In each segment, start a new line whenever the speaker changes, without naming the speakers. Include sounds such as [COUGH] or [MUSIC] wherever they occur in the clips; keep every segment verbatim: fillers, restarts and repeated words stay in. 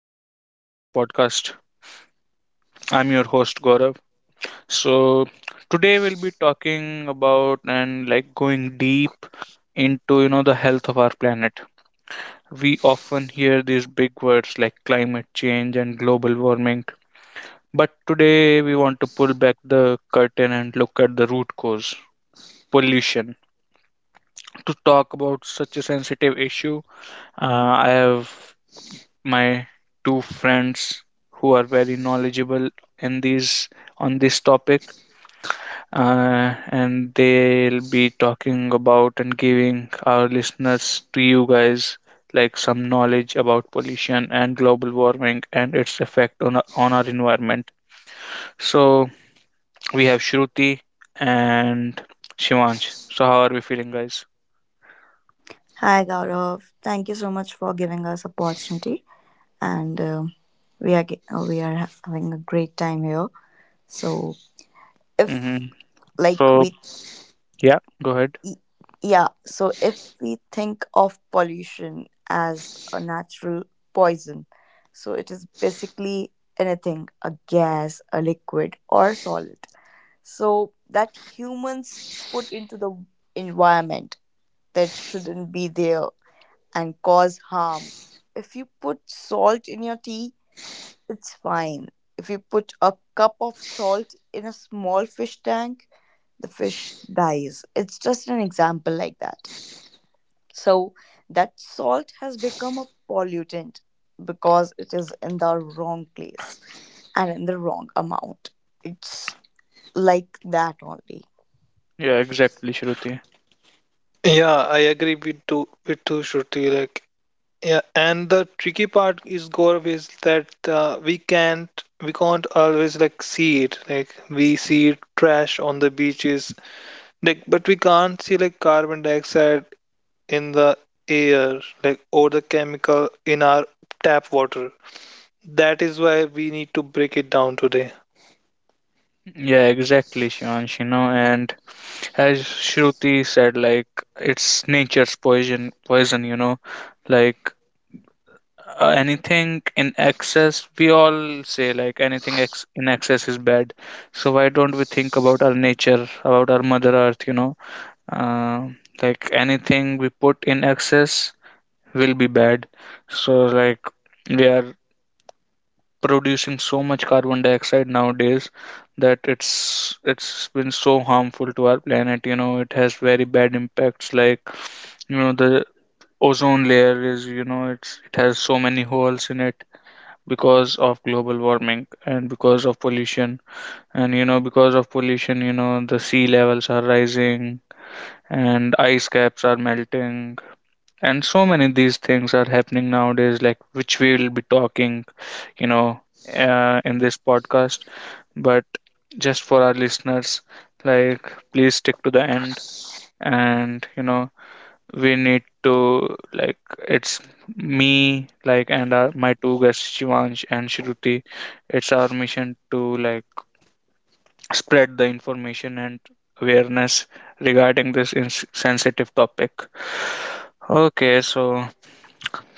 Welcome back to my podcast. I'm your host, Gaurav. So, today we'll be talking about and like going deep into you know the health of our planet. We often hear these big words like climate change and global warming, but today we want to pull back the curtain and look at the root cause, pollution. To talk about such a sensitive issue, uh, I have my two friends who are very knowledgeable in these on this topic, uh, and they'll be talking about and giving our listeners, to you guys, like some knowledge about pollution and global warming and its effect on our, on our environment. So we have Shruti and Shivansh. So how are we feeling, guys?
Hi Gaurav, thank you so much for giving us opportunity, and um we are ge- uh, we are ha- having a great time here. So if
Mm-hmm.
like
So
we,
yeah, go ahead.
y- yeah, so if we think of pollution as a natural poison, so it is basically anything a gas, a liquid, or solid. So that humans put into the environment that shouldn't be there and cause harm. If you put salt in your tea, it's fine. If you put a cup of salt in a small fish tank, the fish dies. It's just an example like that. So, that salt has become a pollutant because it is in the wrong place and in the wrong amount. It's like that only.
Yeah, exactly, Shruti.
Yeah, I agree with too with too Shruti. Like, yeah, and the tricky part is Gaurav is that uh, we can't we can't always like see it. Like we see trash on the beaches, like but we can't see like carbon dioxide in the air, like or the chemical in our tap water. That is why we need to break it down today.
Yeah, exactly, Shivansh, you know, and as Shruti said, like it's nature's poison, poison, you know, like, uh, anything in excess, we all say like anything ex- in excess is bad. So why don't we think about our nature, about our Mother Earth? you know, uh, like anything we put in excess will be bad. So like we are producing so much carbon dioxide nowadays that it's it's been so harmful to our planet. You know, it has very bad impacts. Like, you know, the ozone layer is, you know, it's it has so many holes in it because of global warming and because of pollution. And you know, because of pollution, you know, the sea levels are rising and ice caps are melting, and so many of these things are happening nowadays, like which we will be talking, you know uh, in this podcast. But just for our listeners, like please stick to the end. And you know, we need to, like, it's me, like, and our, my two guests Shivansh and Shruti, it's our mission to like spread the information and awareness regarding this ins sensitive topic. Okay, so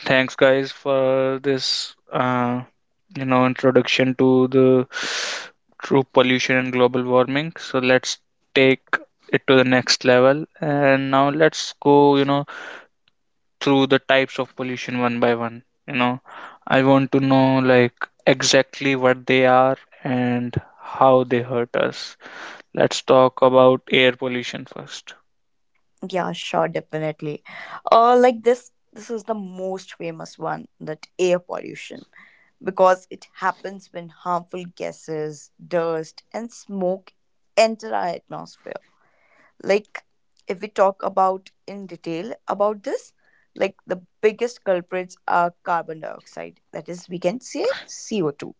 thanks, guys, for this, uh, you know, introduction to the true pollution and global warming. So let's take it to the next level, and now let's go, you know, through the types of pollution one by one. You know, I want to know like exactly what they are and how they hurt us. Let's talk about air pollution first.
Yeah, sure, definitely. Uh, like this, this is the most famous one, that air pollution, because it happens when harmful gases, dust, and smoke enter our atmosphere. Like, if we talk about in detail about this, like the biggest culprits are carbon dioxide, that is, we can say C O two.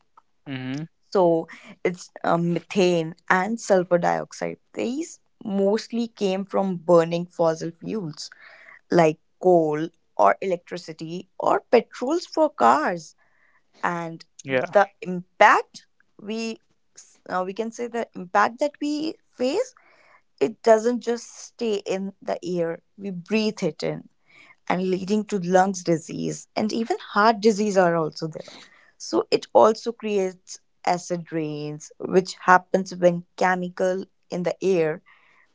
Mm-hmm.
So, it's um, methane and sulfur dioxide. These mostly came from burning fossil fuels like coal or electricity or petrols for cars, and
Yeah.
the impact we s- uh, we can say, the impact that we face, it doesn't just stay in the air, we breathe it in, and leading to lungs disease, and even heart disease are also there. So it also creates acid rains, which happens when chemical in the air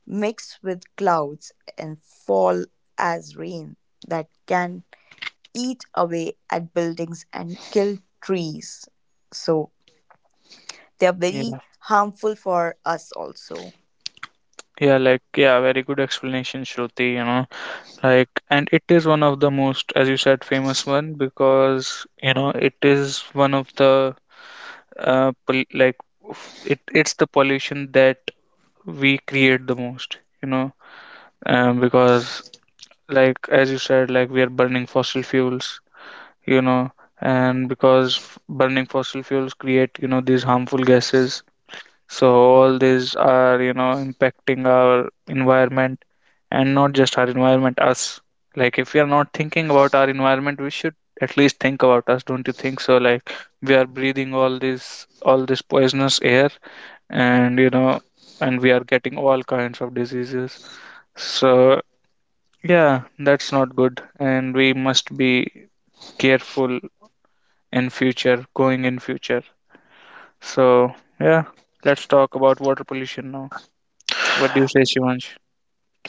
mix with clouds and fall as rain that can eat away at buildings and kill trees. So they are very
Yeah.
harmful for us also.
Yeah, like, yeah, very good explanation, Shruti. You know, like, and it is one of the most, as you said, famous one, because you know it is one of the uh, pol- like f- it it's the pollution that we create the most, you know. Um, because like as you said, like, we are burning fossil fuels, you know, and because f- burning fossil fuels create, you know, these harmful gases. So all these are, you know, impacting our environment, and not just our environment, us. Like if we are not thinking about our environment, we should at least think about us, don't you think so? Like we are breathing all this all this poisonous air, and you know, and we are getting all kinds of diseases. So yeah, that's not good, and we must be careful in future, going in future. So yeah, let's talk about water pollution now. What do you say, Shivansh?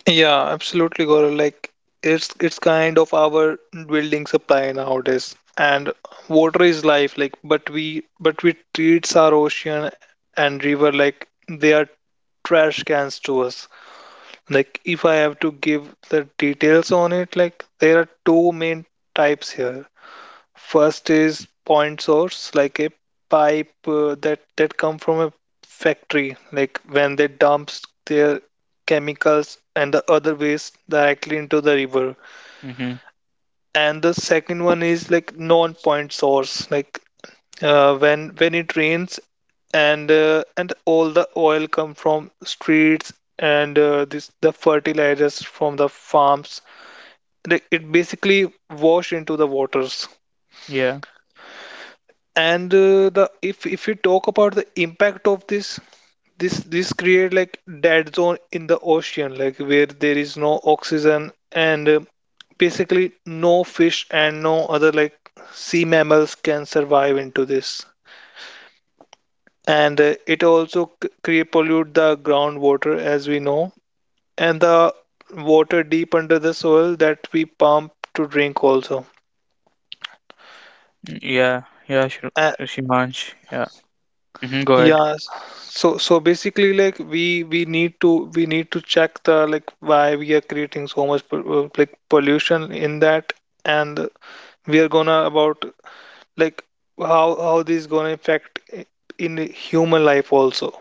Yeah, absolutely, Gaurav. Like it's it's kind of our building supply nowadays, and water is life. Like, but we but we treats our ocean and river like they are trash cans to us. Like, if I have to give the details on it, like there are two main types here. First is point source, like a pipe uh, that that come from a factory, like when they dumps their chemicals and the other waste directly into the river.
Mm-hmm.
And the second one is like non-point source, like uh, when when it rains and uh, and all the oil come from streets and uh, this the fertilizers from the farms. Like it basically wash into the waters.
Yeah,
And uh, the if if we talk about the impact of this this this create like dead zone in the ocean like where there is no oxygen and uh, basically no fish and no other like sea mammals can survive into this and uh, it also c- create pollute the groundwater as we know and the water deep under the soil that we pump to drink also.
yeah, yeah, Shri-
A.
Shivansh. Yeah. Mm-hmm. Go ahead.
Yeah, s- so so basically, like we we need to we need to check the like why we are creating so much pol- uh, like pollution in that, and we are gonna about like how how this gonna affect i- in the human life also.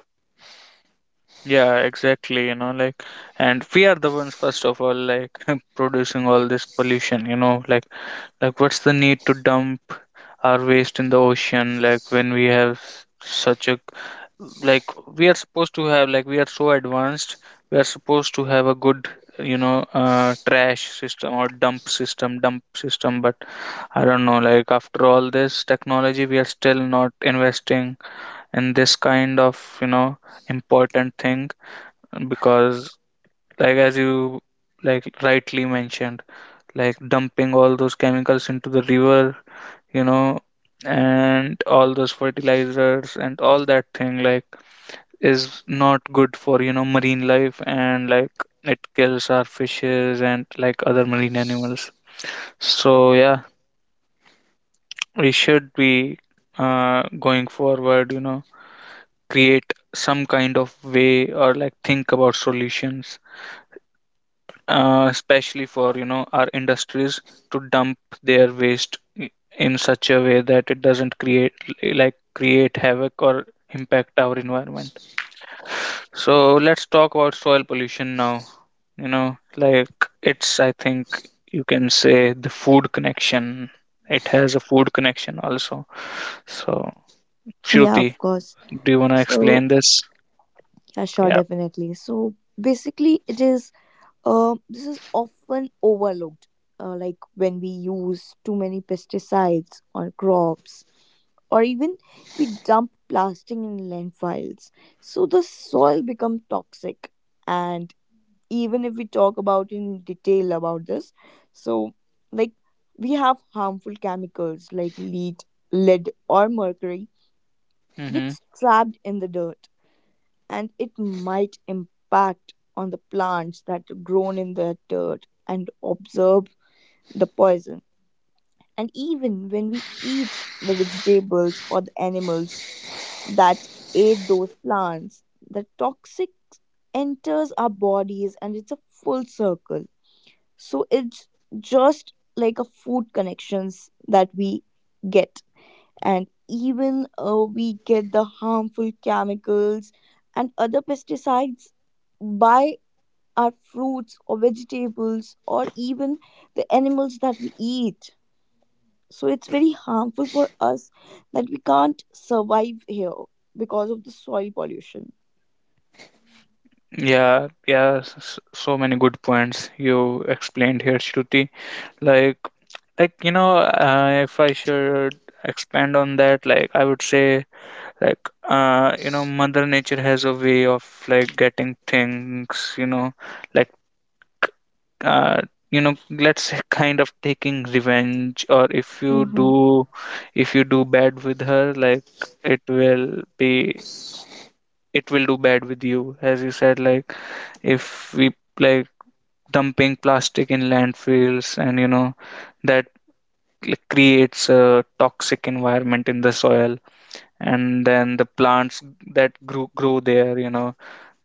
Yeah, exactly. You know, like, and we are the ones, first of all, like, [LAUGHS] producing all this pollution, you know, like. Like, what's the need to dump our waste in the ocean? Like, when we have s- such a, like, we are supposed to have, like, we are so advanced, we are supposed to have a good, you know, uh, trash system or dump system dump system. But I don't know, like after all this technology we are still not investing in this kind of, you know, important thing. Because, like, as you like rightly mentioned, like dumping all those chemicals into the river, you know, and all those fertilizers and all that thing, like, is not good for, you know, marine life, and like it kills our fishes and like other marine animals. So yeah, we should be, uh, going forward, you know, create some kind of way, or like think about solutions, uh, especially for, you know, our industries, to dump their waste i- in such a way that it doesn't create, like, create havoc or impact our environment. So let's talk about soil pollution now. You know, like it's, I think you can say the food connection, it has a food connection also. So,
Yeah,
Shruti,
of course.
do you want to
So,
explain this?
yeah, sure,
Yeah.
definitely. So, basically, it is, um, this is often overlooked, uh, like when we use too many pesticides on crops, or even we dump plastic in landfills. So, the soil becomes toxic. And even if we talk about in detail about this, so like we have harmful chemicals like lead lead or mercury
Mm-hmm.
gets trapped in the dirt, and it might impact on the plants that are grown in that dirt and absorb the poison. And even when we eat the vegetables or the animals that ate those plants, the toxic enters our bodies and it's a full circle. So it's just like a food connections that we get. And even uh, we get the harmful chemicals and other pesticides by our fruits or vegetables or even the animals that we eat. So it's very harmful for us, that we can't survive here because of the soil pollution.
Yeah, yeah, s- s- so many good points you explained here, Shruti. Like, like you know, uh, if I should expand on that, like I would say, like uh, you know, Mother Nature has a way of like getting things, you know, like uh, you know, let's say [LAUGHS] kind of taking revenge. Or if you
Mhm.
do, if you do bad with her, like, it will be, it will do bad with you, as you said. Like if we, like, dumping plastic in landfills, and you know, that creates a toxic environment in the soil, and then the plants that grow, grow there, you know,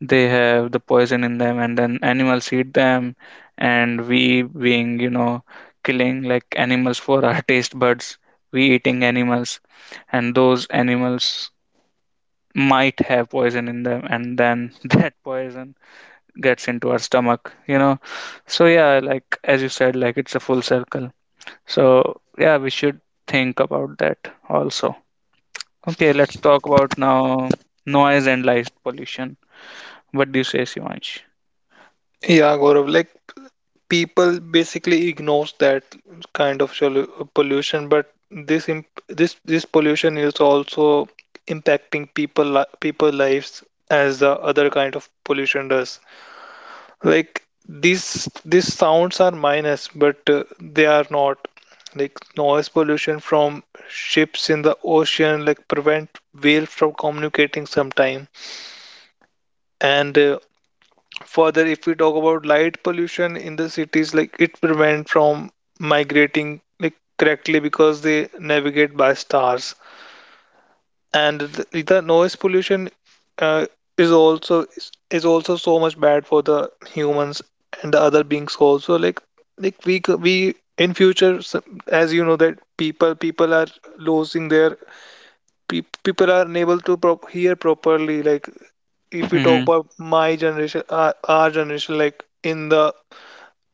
they have the poison in them, and then animals eat them. And we, being, you know, killing like animals for our [LAUGHS] taste buds, we eating animals, and those animals might have poison in them, and then [LAUGHS] that poison gets into our stomach, you know. So yeah, like, as you said, like, it's a full circle. So yeah, we should think about that also. Okay, let's talk about now noise and light pollution. What do you say, Shivansh?
Yeah, Gaurav, like people basically ignores that kind of solu- pollution, but this imp this this pollution is also impacting people li people lives as the other kind of pollution does. Like these these sounds are minus, but uh, they are not. Like noise pollution from ships in the ocean like prevent whales from communicating sometime. And uh, further, if we talk about light pollution in the cities, like it prevent from migrating like correctly because they navigate by stars. And th- the noise pollution uh, is also is, is also so much bad for the humans and the other beings also like like we c- we in future s- as you know that people people are losing their peop people are unable to prop hear properly like if we talk
Hmm.
about my generation our, our generation like in the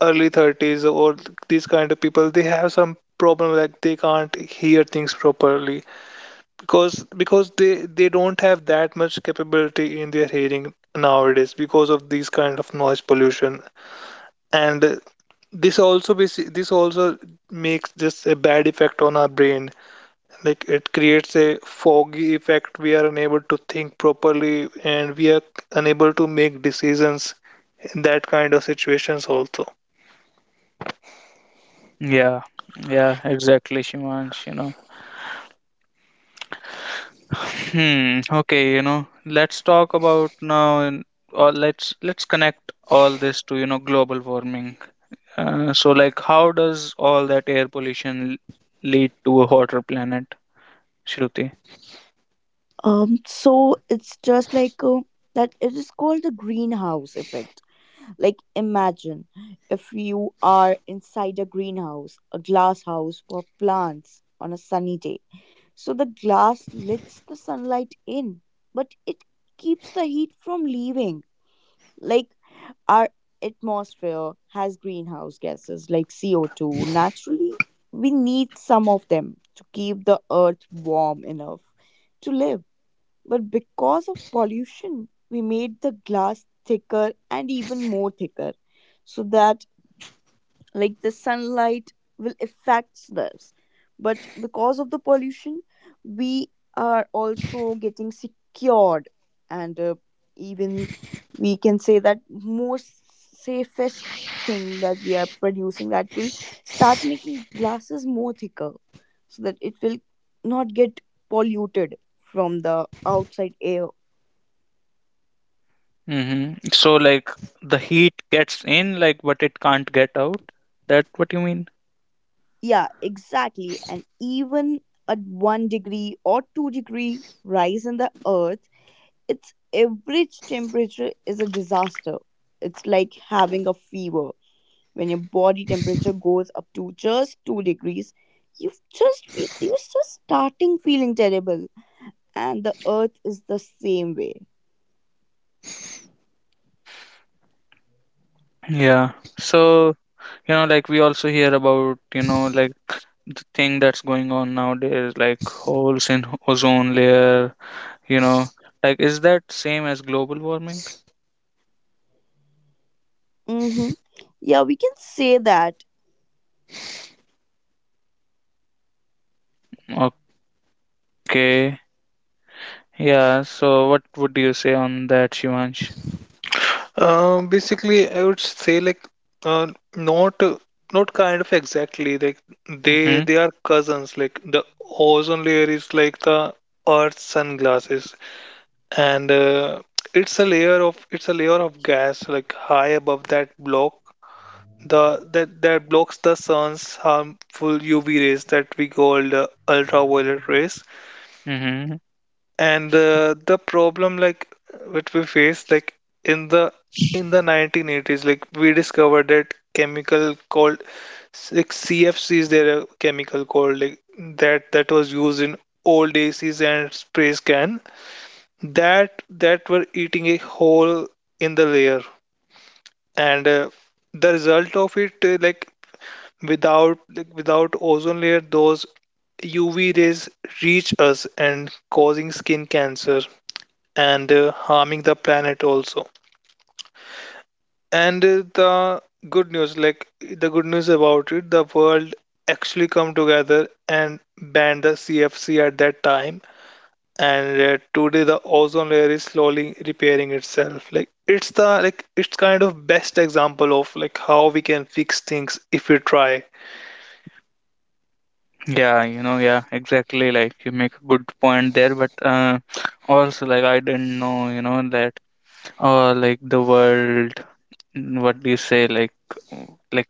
early thirties or th- these kind of people they have some problem like they can't hear things properly because because they they don't have that much capability in their hearing nowadays because of these kind of noise pollution and uh, this also basi- this also makes just a bad effect on our brain like it creates a foggy effect we are unable to think properly and we are unable to make decisions in that kind of situations also.
Yeah, yeah, exactly, Shivansh, you know. Hmm, okay, you know, let's talk about now and- or let's let's connect all this to, you know, global warming. Uh, so like how does all that air pollution l- lead to a hotter planet, Shruti?
Um, so it's just like uh, that it is called the greenhouse effect. Like, imagine if you are inside a greenhouse, a glass house for plants on a sunny day. So the glass lets the sunlight in, but it keeps the heat from leaving. Like, our atmosphere has greenhouse gases like C O two. Naturally, we need some of them to keep the earth warm enough to live. But because of pollution, we made the glass thicker and even more thicker, so that like the sunlight will affect this. But because of the pollution, we are also getting secured, and uh, even we can say that more safest thing that we are producing that will start making glasses more thicker so that it will not get polluted from the outside air.
Hmm. So like the heat gets in, like, but it can't get out. That what you mean?
Yeah, exactly. And even a one degree or two degree rise in the earth, its average temperature is a disaster. It's like having a fever. When your body temperature goes up to just two degrees, you've just feel, you're just starting feeling terrible. And the earth is the same way.
Yeah. So you know, like, we also hear about, you know, like, the thing that's going on nowadays, like holes in ozone layer. You know, like, is that same as global warming?
Mm-hmm. Yeah, we can say that.
Okay. Yeah. So what would you say on that, Shivansh?
Um, basically, I would say like uh, not uh, not kind of exactly like they
Mm-hmm.
they are cousins. Like the ozone layer is like the Earth's sunglasses, and uh, it's a layer of it's a layer of gas like high above that block the that that blocks the sun's harmful U V rays that we call the ultraviolet rays.
Mm-hmm.
And uh, the problem like what we faced like in the in the nineteen eighties like we discovered that chemical called like C F C is there a chemical called like that that was used in old A Cs and spray can that that were eating a hole in the layer and uh, the result of it uh, like without like without ozone layer those U V rays reach us and causing skin cancer and uh, harming the planet also. And uh, the good news, like the good news about it, the world actually come together and banned the C F C at that time. And uh, today the ozone layer is slowly repairing itself. Like it's the like it's kind of best example of like how we can fix things if we try.
Yeah, you know, yeah, exactly. Like you make a good point there, but uh, also, like, I didn't know, you know, that uh, like, the world, mm, what do you say, like, mm, like,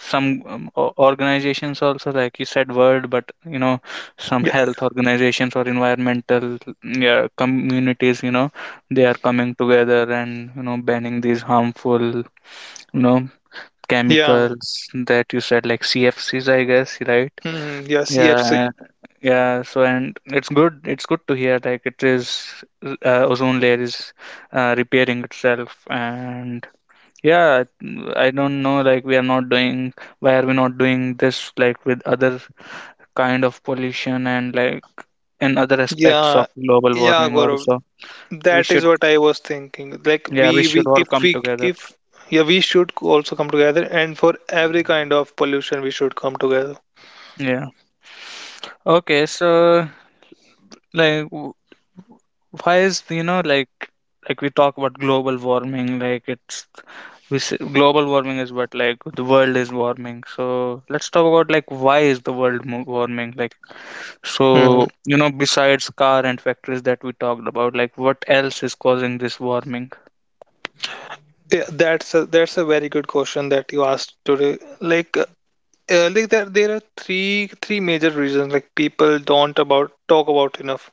some um, o- organizations also, like you said, world, but you know, some
Yeah,
health organizations or environmental, yeah, communities, you know, they are coming together and you know banning these harmful, you know,
yeah,
chemicals that you said like C F Cs, I guess, right?
hmm, yeah. C F C,
Yeah, yeah, so and it's good. It's good to hear like it is, uh, ozone layer is, uh, repairing itself. And yeah, I don't know. Like we are not doing. Why are we not doing this, like, with other kind of pollution, and like in other aspects
yeah,
of global
yeah,
warming
Gaurav.
also? We
That is
should.
what I was thinking. Like
Yeah, we
we,
should
we
all
if
come
we
together.
if yeah we should also come together and for every kind of pollution we should come together.
Yeah. Okay, so, like w- why is, you know, like, like we talk about global warming, like it's, we s global warming is what, like, the world is warming, so let's talk about, like, why is the world mo- warming. Like, so,
Hmm.
you know, besides car and factories that we talked about, like what else is causing this warming?
Yeah, that's a that's a very good question that you asked today. Like uh, uh, like there there are three three major reasons like people don't about talk about enough.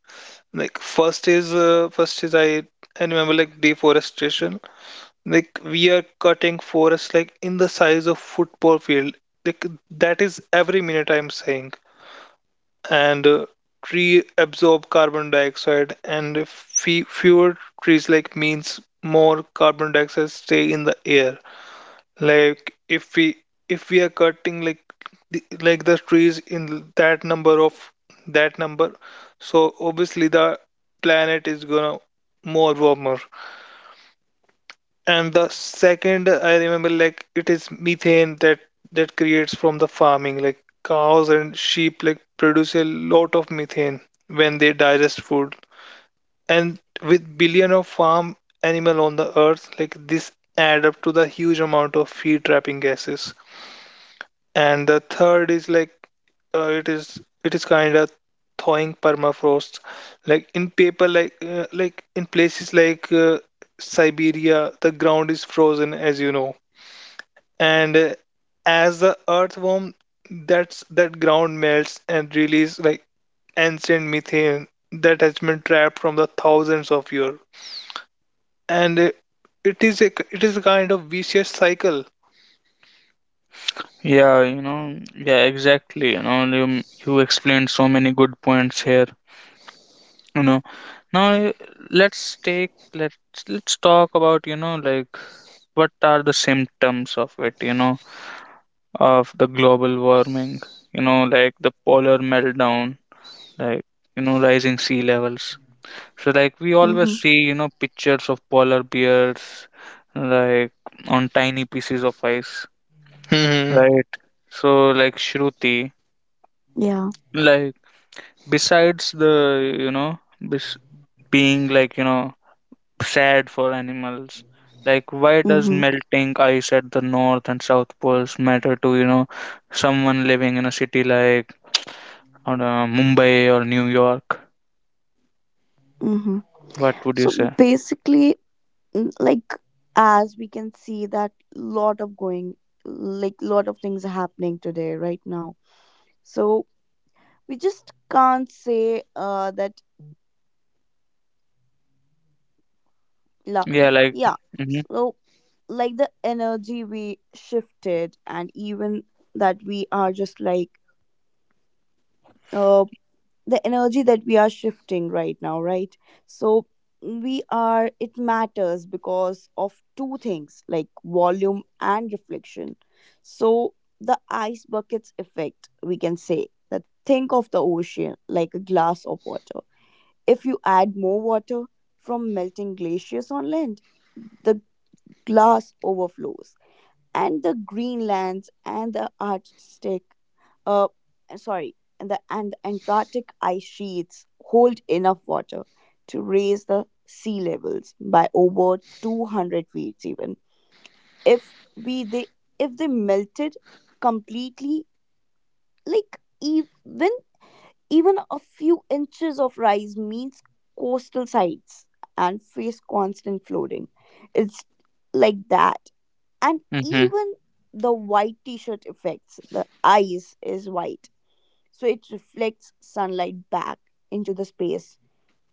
Like first is uh, first is I I remember like deforestation. Like we are cutting forests like in the size of football field. Like that is every minute I'm saying and uh, tree absorb carbon dioxide and fe- fewer trees like means more carbon dioxide stay in the air like if we if we are cutting like the, like the trees in that number of that number so obviously the planet is gonna more warmer. And the second, I remember like it is methane that that creates from the farming. Like cows and sheep like produce a lot of methane when they digest food. And with billion of farm animal on the earth, like this add up to the huge amount of feed trapping gases. And the third is like uh, it is it is kind of thawing permafrost. Like in paper, like uh, like in places like uh, Siberia, the ground is frozen, as you know and uh, as the earth warms, that's that ground melts and release like ancient methane that has been trapped from the thousands of years and uh, it is a it is a kind of vicious cycle.
Yeah, you know, yeah, exactly, you know. You, you explained so many good points here, you know. Now, uh, let's take, let's let's talk about, you know, like, what are the symptoms of it, you know, of the global warming, you know, like the polar meltdown, like, you know, rising sea levels. So, like, we always
Mm-hmm.
see, you know, pictures of polar bears, like, on tiny pieces of ice,
Hmm.
right? So, like, Shruti,
Yeah.
like, besides the, you know, bes- being, like, you know, sad for animals. Like, why does
Mm-hmm.
melting ice at the north and south poles matter to, you know, someone living in a city like, [TSK] I don't know, Mumbai or New York?
Mm-hmm.
What would you
So
say?
basically, n- like as we can see that lot of going like lot of things are happening today right now, so we just can't say uh that la,
Yeah, like,
yeah,
hmm.
so like the energy we shifted, and even that we are just like uh the energy that we are shifting right now, right? So we are, it matters because of two things, like volume and reflection. So the ice buckets effect, we can say that, think of the ocean like a glass of water. If you add more water from melting glaciers on land, the glass overflows. And the Greenlands and the Arctic uh, sorry, and the, and the Antarctic ice sheets hold enough water to raise the sea levels by over two hundred feet even, if we they if they melted completely. Like even even a few inches of rise means coastal sites and face constant flooding. It's like that. And
Hmm.
even the white T-shirt effects: the ice is white, so it reflects sunlight back into the space.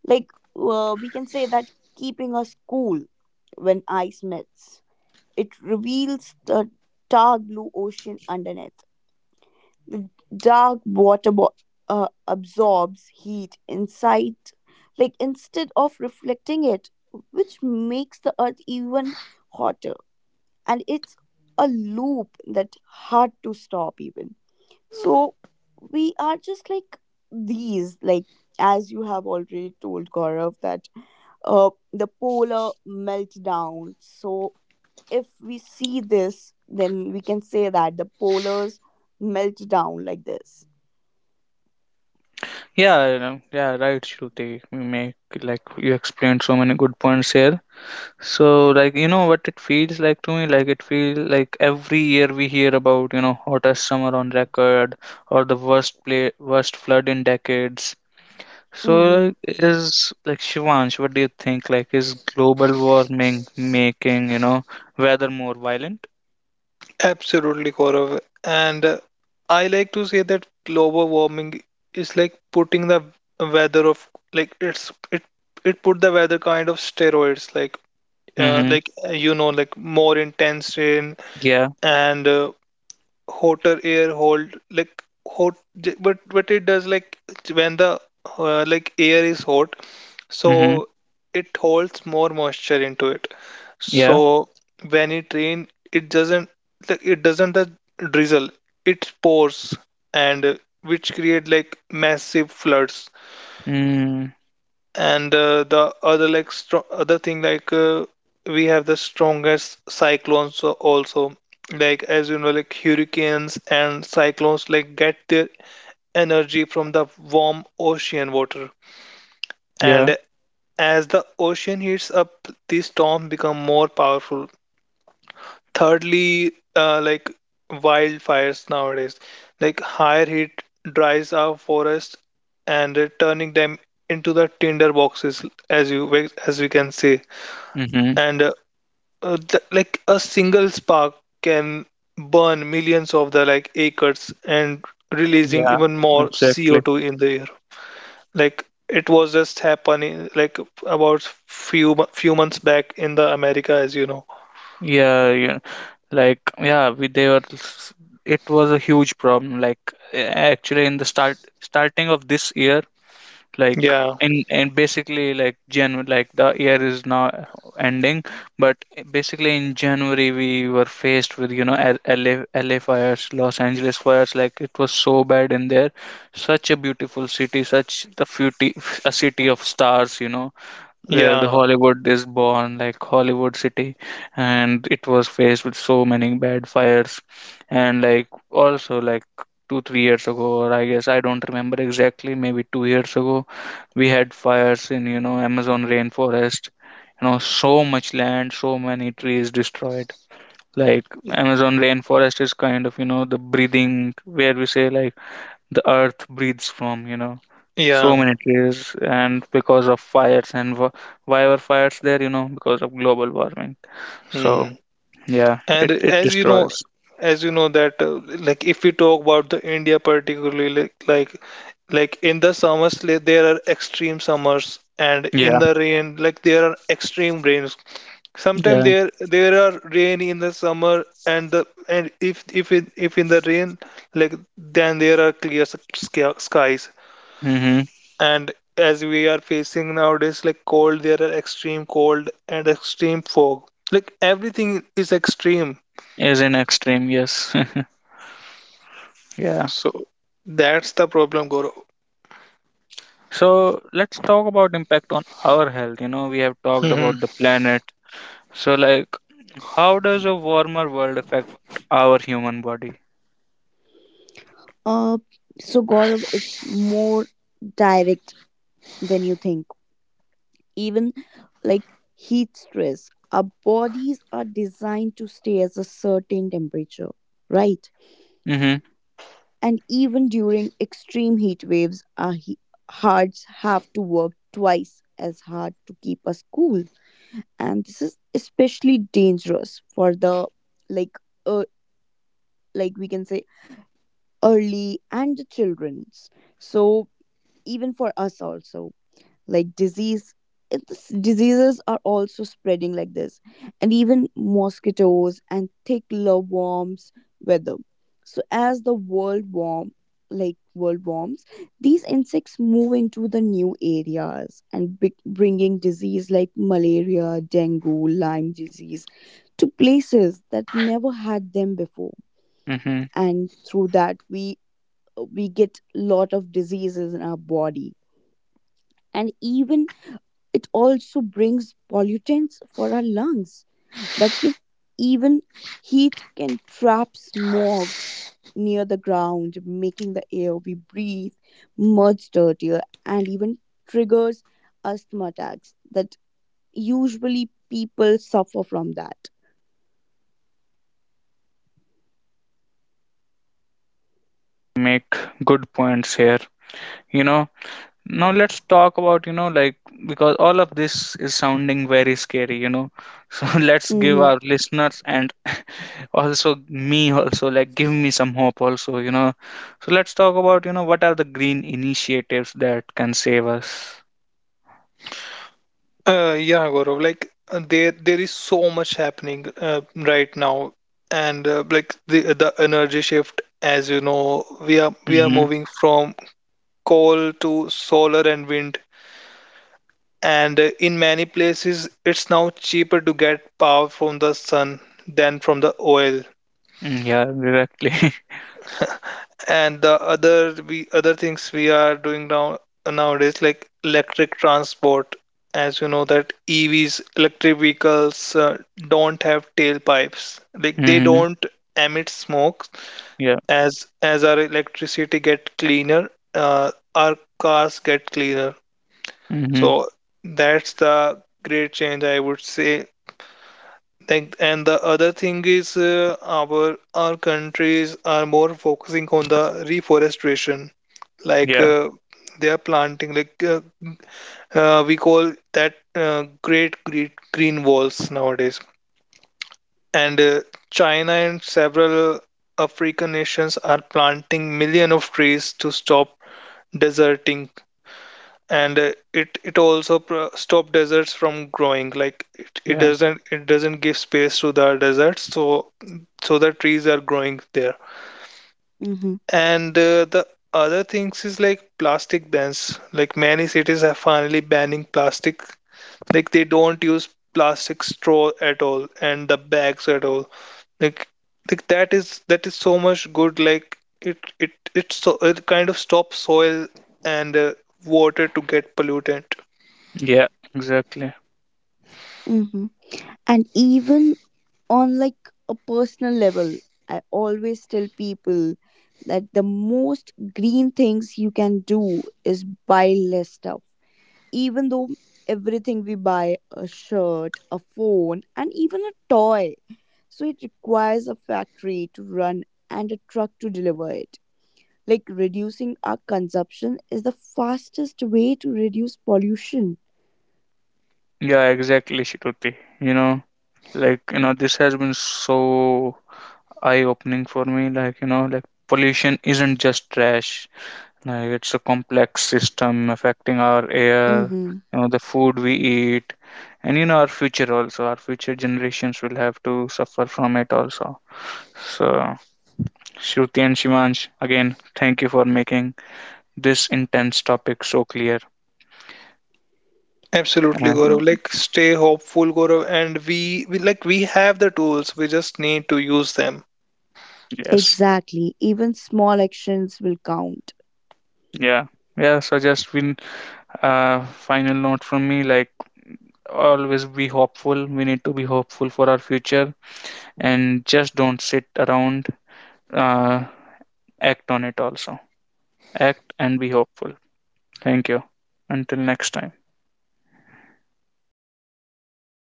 Like uh, we can say that, keeping us cool. When ice melts, it reveals the dark blue ocean underneath. The dark water bo- uh, absorbs heat inside, like instead of reflecting it, which makes the earth even hotter. And it's a loop that hard to stop even. So we are just like these, like as you have already told Gaurav, that uh, the polar meltdown. So if we see this, then we can say that the polars melt down like this.
Yeah, you know, yeah, right, Shruti. You make, like, you explained so many good points here. So, like, you know what it feels like to me? Like, it feels like every year we hear about, you know, hottest summer on record, or the worst play, worst flood in decades. So,
Mm-hmm.
like, is like, Shivansh, what do you think? Like, is global warming making, you know, weather more violent?
Absolutely, Gaurav, and uh, I like to say that global warming is like putting the weather of like it's it it put the weather kind of steroids like uh,
Mm-hmm.
like uh, you know like more intense rain
Yeah.
and uh, hotter air hold like hot j- but but it does like when the uh, like air is hot so
Mm-hmm.
it holds more moisture into it
Yeah.
so when it rain it doesn't like it doesn't the drizzle it pours and uh, which create like massive floods
Mm.
and uh, the other like stro- other thing like uh, we have the strongest cyclones a- also like as you know like hurricanes and cyclones like get their energy from the warm ocean water.
Yeah.
And as the ocean heats up, these storms become more powerful. Thirdly, uh, like wildfires nowadays, like higher heat dries our forests and uh, turning them into the tinder boxes, as you as we can see.
Mm-hmm.
And uh, uh, th- like a single spark can burn millions of the like acres and releasing
Yeah.
even more
Exactly.
C O two in the air. Like it was just happening like about few mo- few months back in the America, as you know.
Yeah. Yeah. Like, yeah, we they were. s- It was a huge problem. Like, a- actually, in the start starting of this year, like,
Yeah,
in and basically like January, like the year is now ending, but basically in January we were faced with, you know, L- LA, L A fires, Los Angeles fires. Like it was so bad in there, such a beautiful city, such the beauty, a city of stars, you know, where the
yeah,
Hollywood is born, like Hollywood City, and it was faced with so many bad fires. And like, also like two, three years ago, or I guess I don't remember exactly, maybe two years ago, we had fires in, you know, Amazon rainforest. You know, so much land, so many trees destroyed. Like, Amazon rainforest is kind of, you know, the breathing, where we say like the earth breathes from, you know, so
yeah.
many trees. And because of fires, and wh- why were fires there, you know, because of global warming. So
Hmm.
yeah,
And
it, it
as you know,
destroys.
as you know that uh, like if we talk about the India particularly like like, like in the summers like, there are extreme summers and in
Yeah,
the rain like there are extreme rains. Sometimes
yeah,
there there are rain in the summer and the and if if in, if in the rain like then there are clear s- sky- skies
mm-hmm.
and as we are facing nowadays like cold there are extreme cold and extreme fog like everything is extreme.
Is in extreme, yes. [LAUGHS] Yeah.
So that's the problem, Gaurav.
So let's talk about impact on our health. You know, we have talked
Hmm.
about the planet. So, like, how does a warmer world affect our human body?
Uh, so Gaurav, it's more direct than you think. Even like heat stress, our bodies are designed to stay at a certain temperature, right?
Mm-hmm.
And even during extreme heat waves, our he- hearts have to work twice as hard to keep us cool. And this is especially dangerous for the like uh, like we can say early and the children's. So even for us also like disease it's, diseases are also spreading like this. And even mosquitoes and thick worms weather, so as the world warm like world warms, these insects move into the new areas and big, bringing disease like malaria, dengue, lyme disease to places that never had them before.
Mm-hmm.
And through that we we get lot of diseases in our body. And even it also brings pollutants for our lungs, that can even heat, can trap smog near the ground, making the air we breathe much dirtier, and even triggers asthma attacks that usually people suffer from that.
Make good points here, you know. Now let's talk about, you know, like, because all of this is sounding very scary, you know. [LAUGHS] So let's give
Mm-hmm,
our listeners, and also me also, like give me some hope also, you know. So let's talk about, you know, what are the green initiatives that can save us?
Uh, yeah, Gaurav. Like uh, there, there is so much happening uh, right now, and uh, like the the energy shift, as you know, we are we are
Mm-hmm.
moving from coal to solar and wind, and uh, in many places, it's now cheaper to get power from the sun than from the oil.
Mm, yeah, exactly. [LAUGHS]
And the other we other things we are doing now nowadays like electric transport as you know that evs electric vehicles uh, don't have tailpipes like they
Mm-hmm.
don't emit smoke
Yeah.
as as our electricity get cleaner uh, our cars get cleaner
Mm-hmm.
so that's the great change I would say. Like and the other thing is uh, our our countries are more focusing on the reforestation like
Yeah.
uh, they are planting like uh, uh, we call that uh, great great green walls nowadays and uh, china and several african nations are planting million of trees to stop deserting and uh, it it also pro- stop deserts from growing like it, it
Yeah.
doesn't it doesn't give space to the deserts so so the trees are growing there.
mm-hmm,
And uh, the other things is like plastic bans. Like many cities are finally banning plastic. Like they don't use plastic straw at all and the bags at all. Like, like that is that is so much good. Like it it it so it kind of stops soil and uh, water to get pollutant.
Yeah. Exactly.
mm-hmm. And even on like a personal level, I always tell people that the most green things you can do is buy less stuff, even though everything we buy, a shirt, a phone, and even a toy, so it requires a factory to run and a truck to deliver it. Like reducing our consumption is the fastest way to reduce pollution.
Yeah, exactly, Shruti. You know, like, you know, this has been so eye-opening for me. Like, you know, like, pollution isn't just trash. Like, it's a complex system affecting our air,
Mm-hmm.
you know, the food we eat, and you know, our future also, our future generations will have to suffer from it also. So, Shruti and Shivansh, again, thank you for making this intense topic so clear.
Absolutely,
Uh,
Gaurav.
Mm-hmm.
Like stay hopeful, Gaurav. And we, we like we have the tools. We just need to use them.
yes.
Exactly. Even small actions will count.
Yeah. Yeah, so just win, uh final note from me. Like, always be hopeful. We need to be hopeful for our future, and just don't sit around. Uh, Act on it also. Act and be hopeful. Thank you. Until next time.